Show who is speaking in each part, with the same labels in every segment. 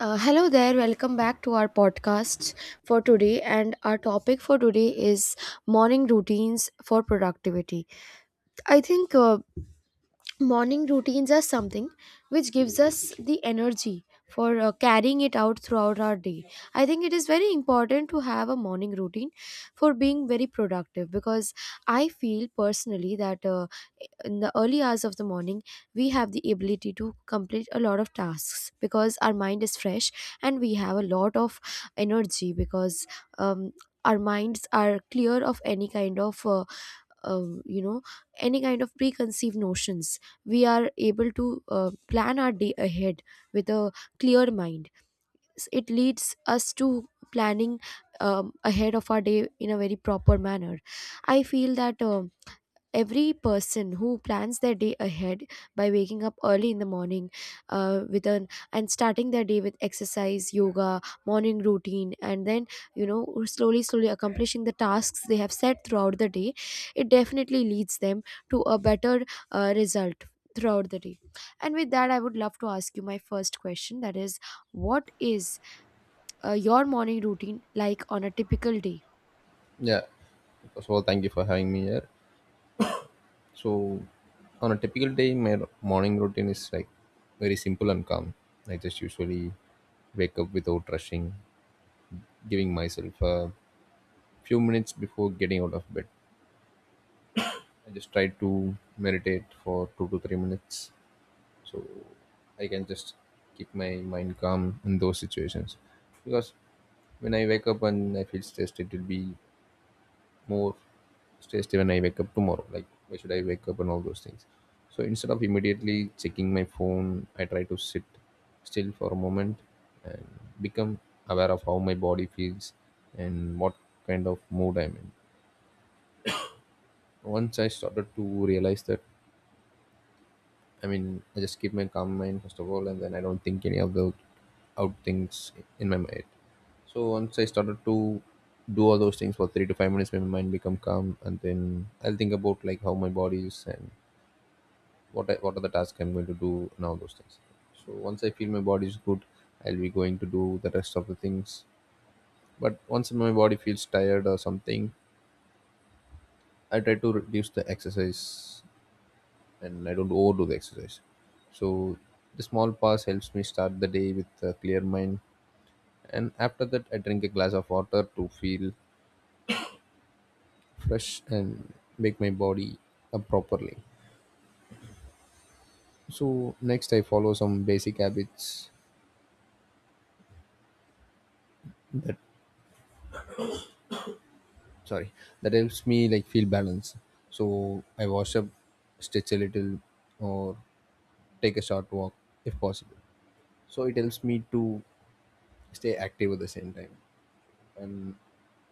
Speaker 1: Hello there, welcome back to our podcast for today. And our topic for today is morning routines for productivity. I think morning routines are something which gives us the energy for carrying it out throughout our day. I think it is very important to have a morning routine for being very productive, because I feel personally that in the early hours of the morning we have the ability to complete a lot of tasks because our mind is fresh and we have a lot of energy because um, our minds are clear of any kind of um, you know any kind of preconceived notions. We are able to plan our day ahead with a clear mind. It leads us to planning ahead of our day in a very proper manner. I feel that every person who plans their day ahead by waking up early in the morning, with an and starting their day with exercise, yoga, morning routine, and then, you know, slowly slowly accomplishing the tasks they have set throughout the day, it definitely leads them to a better result throughout the day. And with that, I would love to ask you my first question, that is, what is your morning routine like on a typical day?
Speaker 2: Yeah. First of all, thank you for having me here. So, on a typical day, morning routine is like very simple and calm. I just usually wake up without rushing, giving myself a few minutes before getting out of bed. I just try to meditate for 2 to 3 minutes so I can just keep my mind calm in those situations. Because when I wake up and I feel stressed, it will be more stressed when I wake up tomorrow. Like, why should I wake up and all those things? So instead of immediately checking my phone, I try to sit still for a moment and become aware of how my body feels and what kind of mood I'm in. Once I started to realize that, I mean, I just keep my calm mind first of all, and then I don't think any of the out things in my mind. So once I started to do all those things for 3 to 5 minutes, my mind become calm, and then I'll think about like how my body is and what are the tasks I'm going to do and all those things. So once I feel my body is good, I'll be going to do the rest of the things. But once my body feels tired or something, I try to reduce the exercise and I don't overdo the exercise. So the small pause helps me start the day with a clear mind. And after that, I drink a glass of water to feel fresh and make my body up properly. So next, I follow some basic habits, sorry, that helps me like feel balanced. So I wash up, stretch a little, or take a short walk if possible. So it helps me to stay active at the same time, and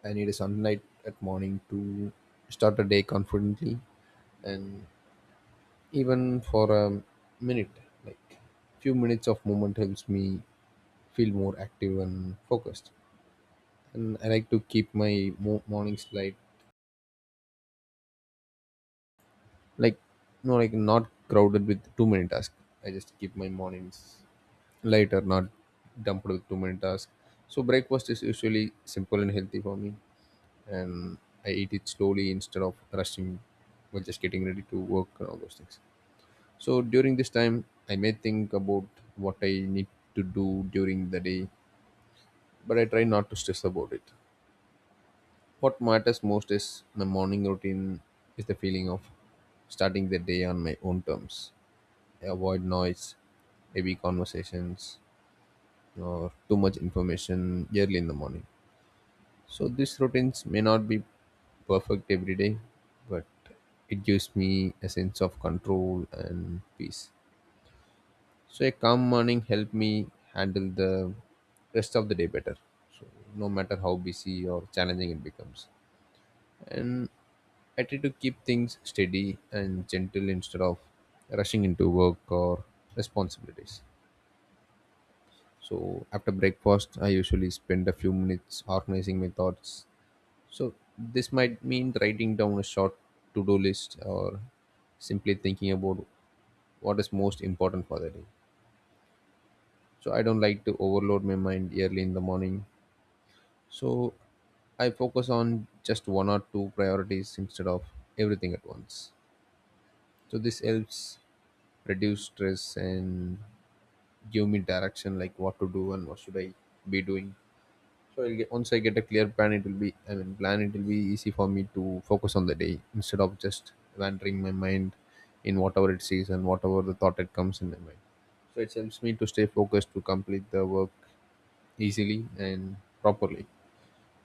Speaker 2: I need a sunlight at morning to start a day confidently. And even for a minute, like, few minutes of movement helps me feel more active and focused. And I like to keep my mornings light, like, no, like, not crowded with too many tasks. I just keep my mornings lighter, not dumped with too many tasks. So breakfast is usually simple and healthy for me, and I eat it slowly instead of rushing while just getting ready to work and all those things. So during this time, I may think about what I need to do during the day, but I try not to stress about it. What matters most is my morning routine is the feeling of starting the day on my own terms. I avoid noise, heavy conversations, or too much information early in the morning. So these routines may not be perfect every day, but it gives me a sense of control and peace. So a calm morning helped me handle the rest of the day better. So no matter how busy or challenging it becomes. And I try to keep things steady and gentle instead of rushing into work or responsibilities. So after breakfast, I usually spend a few minutes organizing my thoughts. So this might mean writing down a short to-do list or simply thinking about what is most important for the day. So I don't like to overload my mind early in the morning. So I focus on just one or two priorities instead of everything at once. So this helps reduce stress and give me direction like what to do and what should I be doing. So once I get a clear plan, it will be, I mean, plan. It will be easy for me to focus on the day instead of just wandering my mind in whatever it sees and whatever the thought it comes in my mind. So it helps me to stay focused to complete the work easily and properly.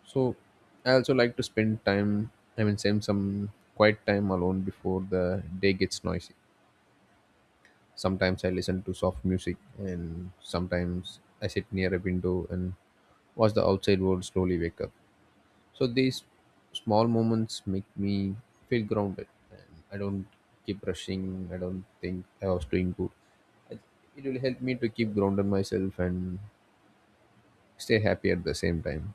Speaker 2: So I also like to spend time. I mean, spend some quiet time alone before the day gets noisy. Sometimes I listen to soft music, and sometimes I sit near a window and watch the outside world slowly wake up. So these small moments make me feel grounded, and I don't keep rushing. I don't think I was doing good. I- It will help me to keep grounded myself and stay happy at the same time.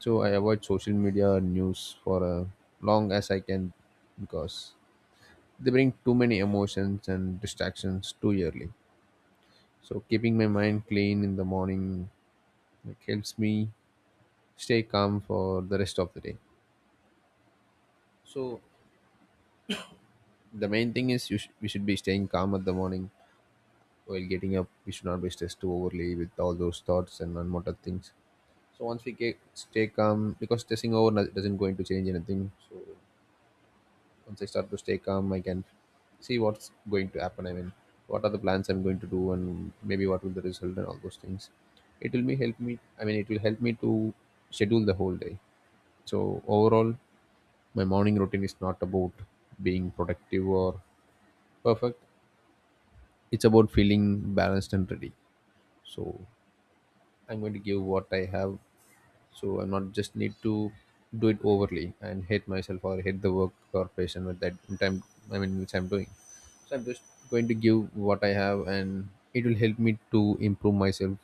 Speaker 2: So I avoid social media and news for as long as I can because they bring too many emotions and distractions too early. So keeping my mind clean in the morning, like, helps me stay calm for the rest of the day. So the main thing is we should be staying calm at the morning while getting up. We should not be stressed too overly with all those thoughts and unwanted things. So once we get stay calm, because stressing over doesn't going to change anything. So once I start to stay calm, I can see what's going to happen. I mean, what are the plans I'm going to do, and maybe what will the result and all those things. It will be help me. I mean, it will help me to schedule the whole day. So overall, my morning routine is not about being productive or perfect. It's about feeling balanced and ready. So I'm going to give what I have. So I'm not just need to do it overly and hate myself or hate the work or patient with that time. I mean, which I'm doing. So I'm just going to give what I have, and it will help me to improve myself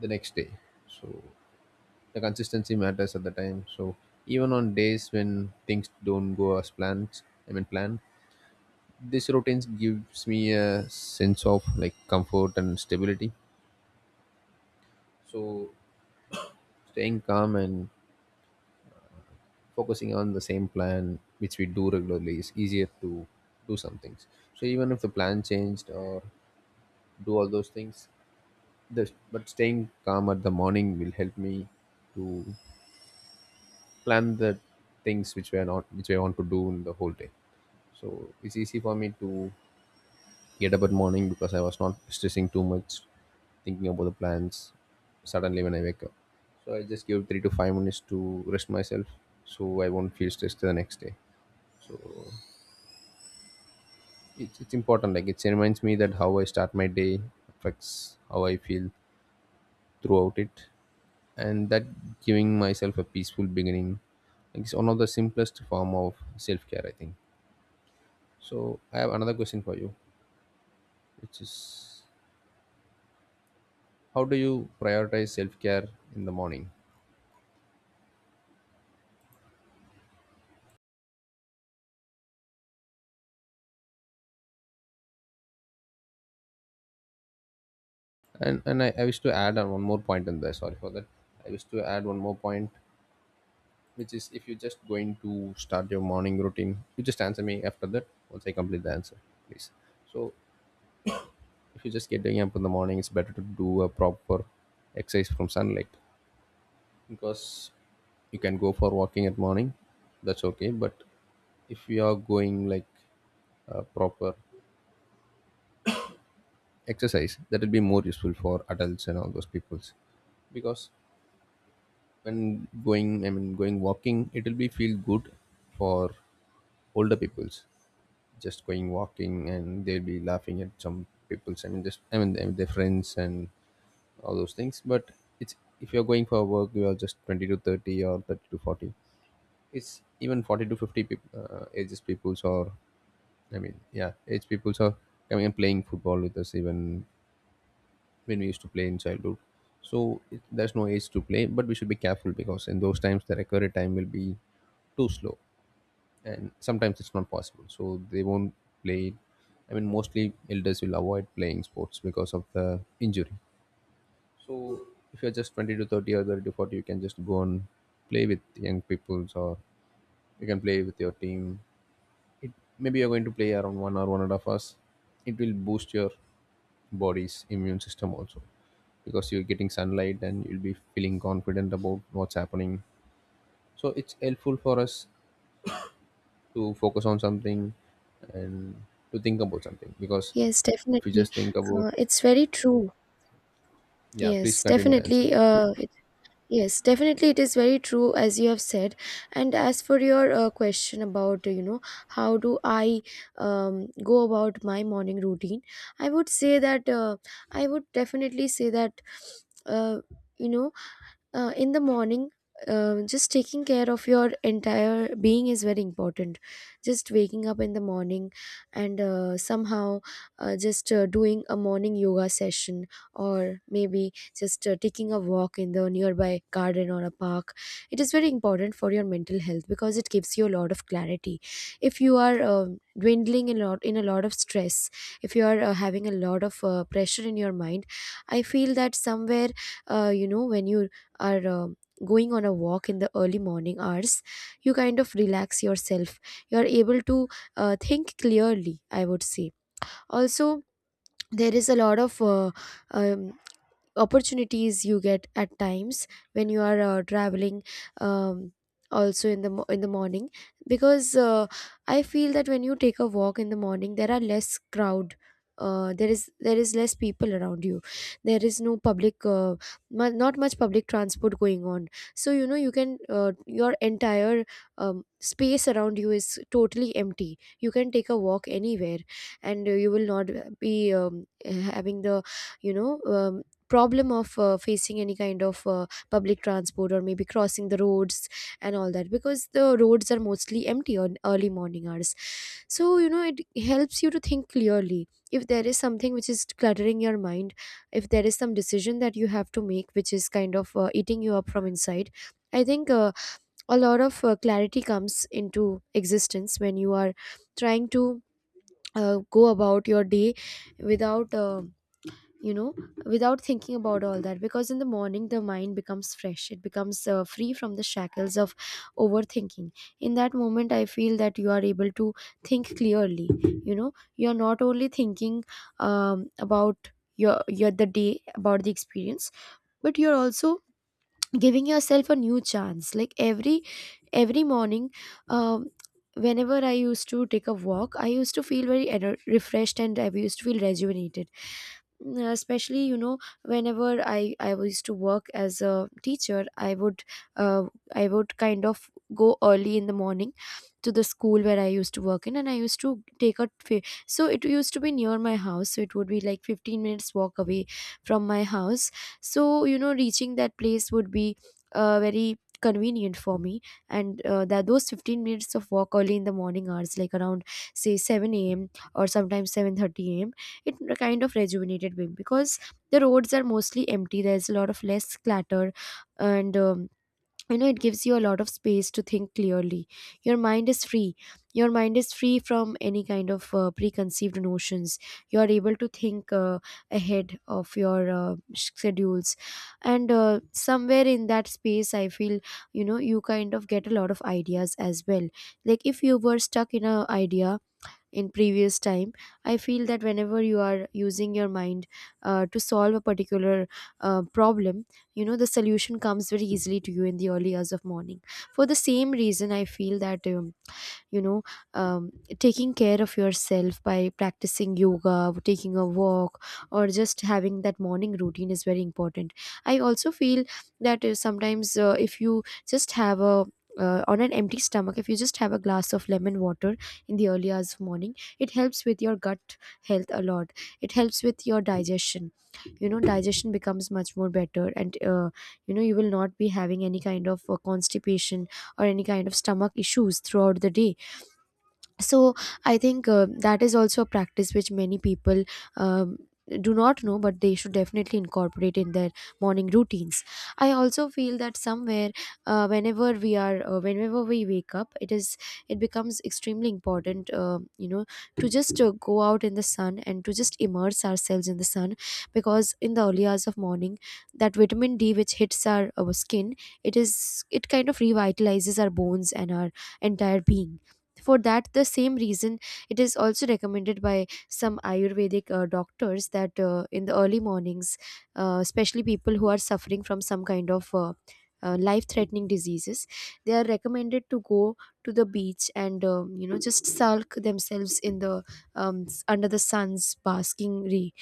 Speaker 2: the next day. So the consistency matters at the time. So even on days when things don't go as planned, I mean, planned, this routine gives me a sense of like comfort and stability. So staying calm and focusing on the same plan which we do regularly is easier to do some things. So even if the plan changed or do all those things, this, but staying calm at the morning will help me to plan the things which we are not which I want to do in the whole day. So it's easy for me to get up at morning because I was not stressing too much, thinking about the plans. Suddenly, when I wake up, so I just give 3 to 5 minutes to rest myself, so I won't feel stressed the next day. So it's important. Like, it reminds me that how I start my day affects how I feel throughout it, and that giving myself a peaceful beginning, like, is one of the simplest form of self-care, I think. So I have another question for you, which is how do you prioritize self-care in the morning. And I wish to add on one more point in there. Sorry for that. I wish to add one more point, which is if you're just going to start your morning routine, you just answer me after that once I complete the answer, please. So if you're just getting up in the morning, it's better to do a proper exercise from sunlight because you can go for walking at morning. That's okay. But if you are going like a proper exercise, that will be more useful for adults and all those peoples. Because when going I mean, going walking, it will be feel good for older peoples, just going walking, and they'll be laughing at some people's, I mean, just, I mean, their friends and all those things. But it's, if you're going for work, you are just 20 to 30 or 30 to 40, it's even 40 to 50 people, ages peoples, or I mean, yeah, age peoples are coming and playing football with us even when we used to play in childhood. So it, there's no age to play, but we should be careful because in those times the recovery time will be too slow, and sometimes it's not possible. So they won't play. I mean, mostly elders will avoid playing sports because of the injury. So if you're just 20 to 30 or 30 to 40, you can just go and play with young people or you can play with your team. It, maybe you're going to play around 1 or 1.5 hours. It will boost your body's immune system also because you're getting sunlight and you'll be feeling confident about what's happening. So it's helpful for us to focus on something and to think about something. Because
Speaker 1: Yes,
Speaker 2: if you
Speaker 1: definitely.
Speaker 2: just think about,
Speaker 1: It's very true.
Speaker 2: yeah, please
Speaker 1: Yes,
Speaker 2: continue your answer.
Speaker 1: definitely. Yes, definitely, it is very true as you have said. And as for your question about, how do I go about my morning routine, I would say that I would definitely say that, uh, you know, in the morning just taking care of your entire being is very important. Just waking up in the morning and somehow just doing a morning yoga session, or maybe just taking a walk in the nearby garden or a park, it is very important for your mental health because it gives you a lot of clarity. If you are dwindling in a lot, of stress, if you are having a lot of pressure in your mind, I feel that somewhere, when you are going on a walk in the early morning hours, you kind of relax yourself, you are able to think clearly, I would say. Also, there is a lot of um, opportunities you get at times when you are traveling um, also in the in the morning, because I feel that when you take a walk in the morning, there are less crowd, there is less people around you, there is no public not much public transport going on, so you know, you can, your entire space around you is totally empty, you can take a walk anywhere, and you will not be having the, you know um, problem of facing any kind of public transport or maybe crossing the roads and all that, because the roads are mostly empty on early morning hours. So you know, it helps you to think clearly if there is something which is cluttering your mind, if there is some decision that you have to make which is kind of eating you up from inside. I think a lot of clarity comes into existence when you are trying to go about your day without you know without thinking about all that, because in the morning the mind becomes fresh, it becomes free from the shackles of overthinking. In that moment, I feel that you are able to think clearly. You know, you're not only thinking about your the day, about the experience, but you're also giving yourself a new chance, like every morning. um, Whenever I used to take a walk, I used to feel very refreshed, and I used to feel rejuvenated. Mm, especially, you know, whenever I used to work as a teacher, I would uh, I would kind of go early in the morning to the school where I used to work in, and I used to take a so it used to be near my house, so it would be like 15 minutes walk away from my house. So you know, reaching that place would be very convenient for me, and that those 15 minutes of walk early in the morning hours, like around say 7 a.m. or sometimes 7:30 a.m., it kind of rejuvenated me because the roads are mostly empty. There's a lot of less clutter, and you know, it gives you a lot of space to think clearly. Your mind is free, your mind is free from any kind of preconceived notions. You are able to think ahead of your schedules, and somewhere in that space I feel, you know, you kind of get a lot of ideas as well. Like if you were stuck in a idea in previous time, I feel that whenever you are using your mind to solve a particular problem, you know, the solution comes very easily to you in the early hours of morning. For the same reason, I feel that you know um, taking care of yourself by practicing yoga, taking a walk, or just having that morning routine is very important. I also feel that sometimes if you just have a on an empty stomach, if you just have a glass of lemon water in the early hours of morning, it helps with your gut health a lot. It helps with your digestion. You know, digestion becomes much more better, and you know, you will not be having any kind of constipation or any kind of stomach issues throughout the day. So I think that is also a practice which many people um, do not know, but they should definitely incorporate in their morning routines. I also feel that somewhere whenever we wake up, it is, it becomes extremely important to just go out in the sun and to just immerse ourselves in the sun, because in the early hours of morning that vitamin d which hits our skin, it is, it kind of revitalizes our bones and our entire being. For that, the same reason, it is also recommended by some Ayurvedic doctors that in the early mornings, especially people who are suffering from some kind of life-threatening diseases, they are recommended to go to the beach and just sulk themselves in the under the sun's basking ray,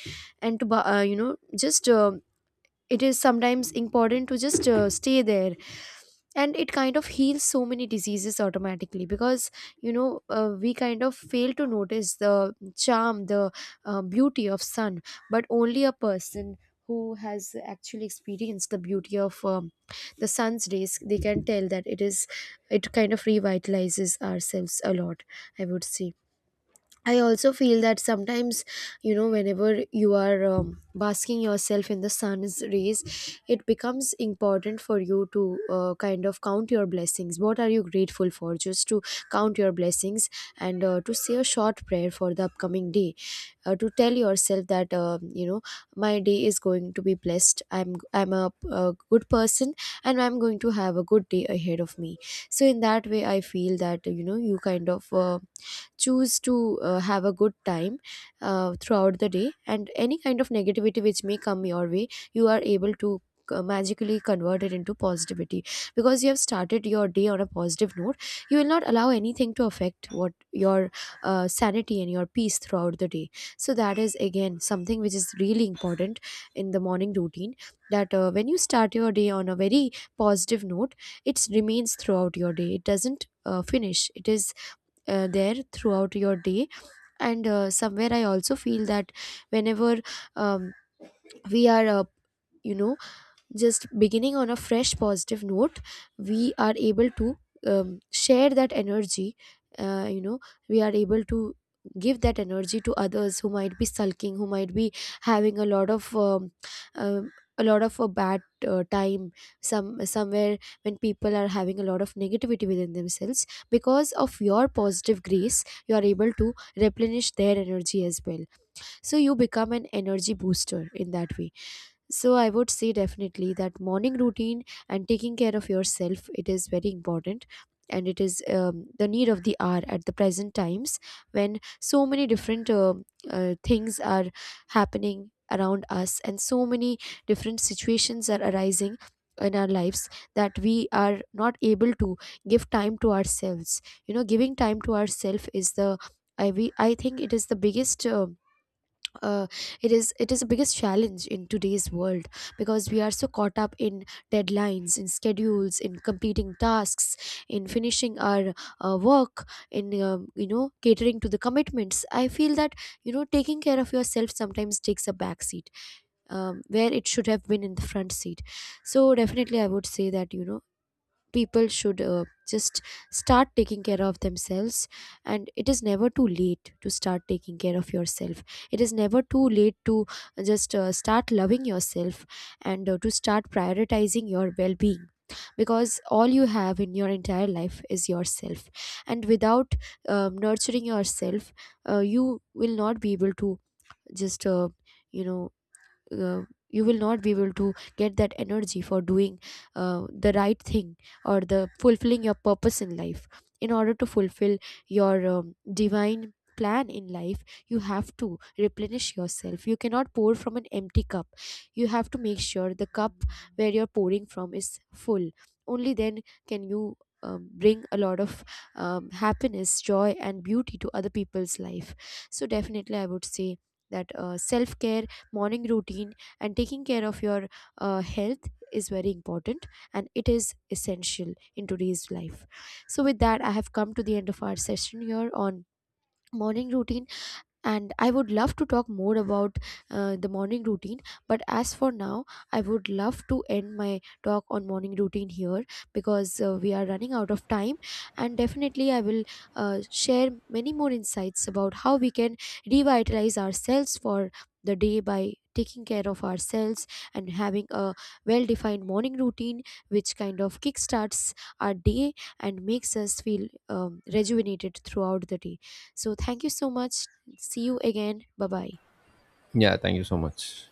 Speaker 1: and to ba- you know just it is sometimes important to just stay there, and it kind of heals so many diseases automatically, because you know, we kind of fail to notice the charm, the beauty of sun. But only a person who has actually experienced the beauty of the sun's rays, they can tell that it is, it kind of revitalizes ourselves a lot, I would say. I also feel that sometimes, you know, whenever you are basking yourself in the sun's rays, it becomes important for you to kind of count your blessings. What are you grateful for? Just to count your blessings, and to say a short prayer for the upcoming day. To tell yourself that, my day is going to be blessed. I'm a good person, and I'm going to have a good day ahead of me. So, in that way, I feel that, you know, you kind of. Choose to have a good time throughout the day, and any kind of negativity which may come your way, you are able to magically convert it into positivity, because you have started your day on a positive note. You will not allow anything to affect what your sanity and your peace throughout the day. So that is again something which is really important in the morning routine, that when you start your day on a very positive note, it remains throughout your day, it doesn't finish, it is there throughout your day. And somewhere I also feel that whenever um, we are you know just beginning on a fresh positive note, we are able to share that energy, uh, you know we are able to give that energy to others who might be sulking, who might be having a lot of um a lot of a bad time. Somewhere, when people are having a lot of negativity within themselves, because of your positive grace, you are able to replenish their energy as well. So you become an energy booster in that way. So I would say definitely that morning routine and taking care of yourself, it is very important, and it is the need of the hour at the present times, when so many different things are happening around us, and so many different situations are arising in our lives, that we are not able to give time to ourselves. You know, giving time to ourselves is the, I think it is the biggest uh, it is the biggest challenge in today's world, because we are so caught up in deadlines, in schedules, in completing tasks, in finishing our work, in you know, catering to the commitments. I feel that, you know, taking care of yourself sometimes takes a back seat, where it should have been in the front seat. So definitely I would say that, you know, people should just start taking care of themselves, and it is never too late to start taking care of yourself. It is never too late to just start loving yourself, and to start prioritizing your well-being, because all you have in your entire life is yourself. And without nurturing yourself, you will not be able to just you know uh, you will not be able to get that energy for doing the right thing or the fulfilling your purpose in life. In order to fulfill your divine plan in life, you have to replenish yourself. You cannot pour from an empty cup. You have to make sure the cup where you're pouring from is full. Only then can you bring a lot of happiness, joy, and beauty to other people's life. So definitely I would say that self care, morning routine, and taking care of your health is very important, and it is essential in today's life. So with that, I have come to the end of our session here on morning routine, and I would love to talk more about the morning routine, but as for now, I would love to end my talk on morning routine here, because we are running out of time. And definitely I will share many more insights about how we can revitalize ourselves for the day by taking care of ourselves and having a well defined morning routine which kind of kickstarts our day and makes us feel rejuvenated throughout the day. So thank you so much. See you again. Bye bye.
Speaker 2: Yeah, thank you so much.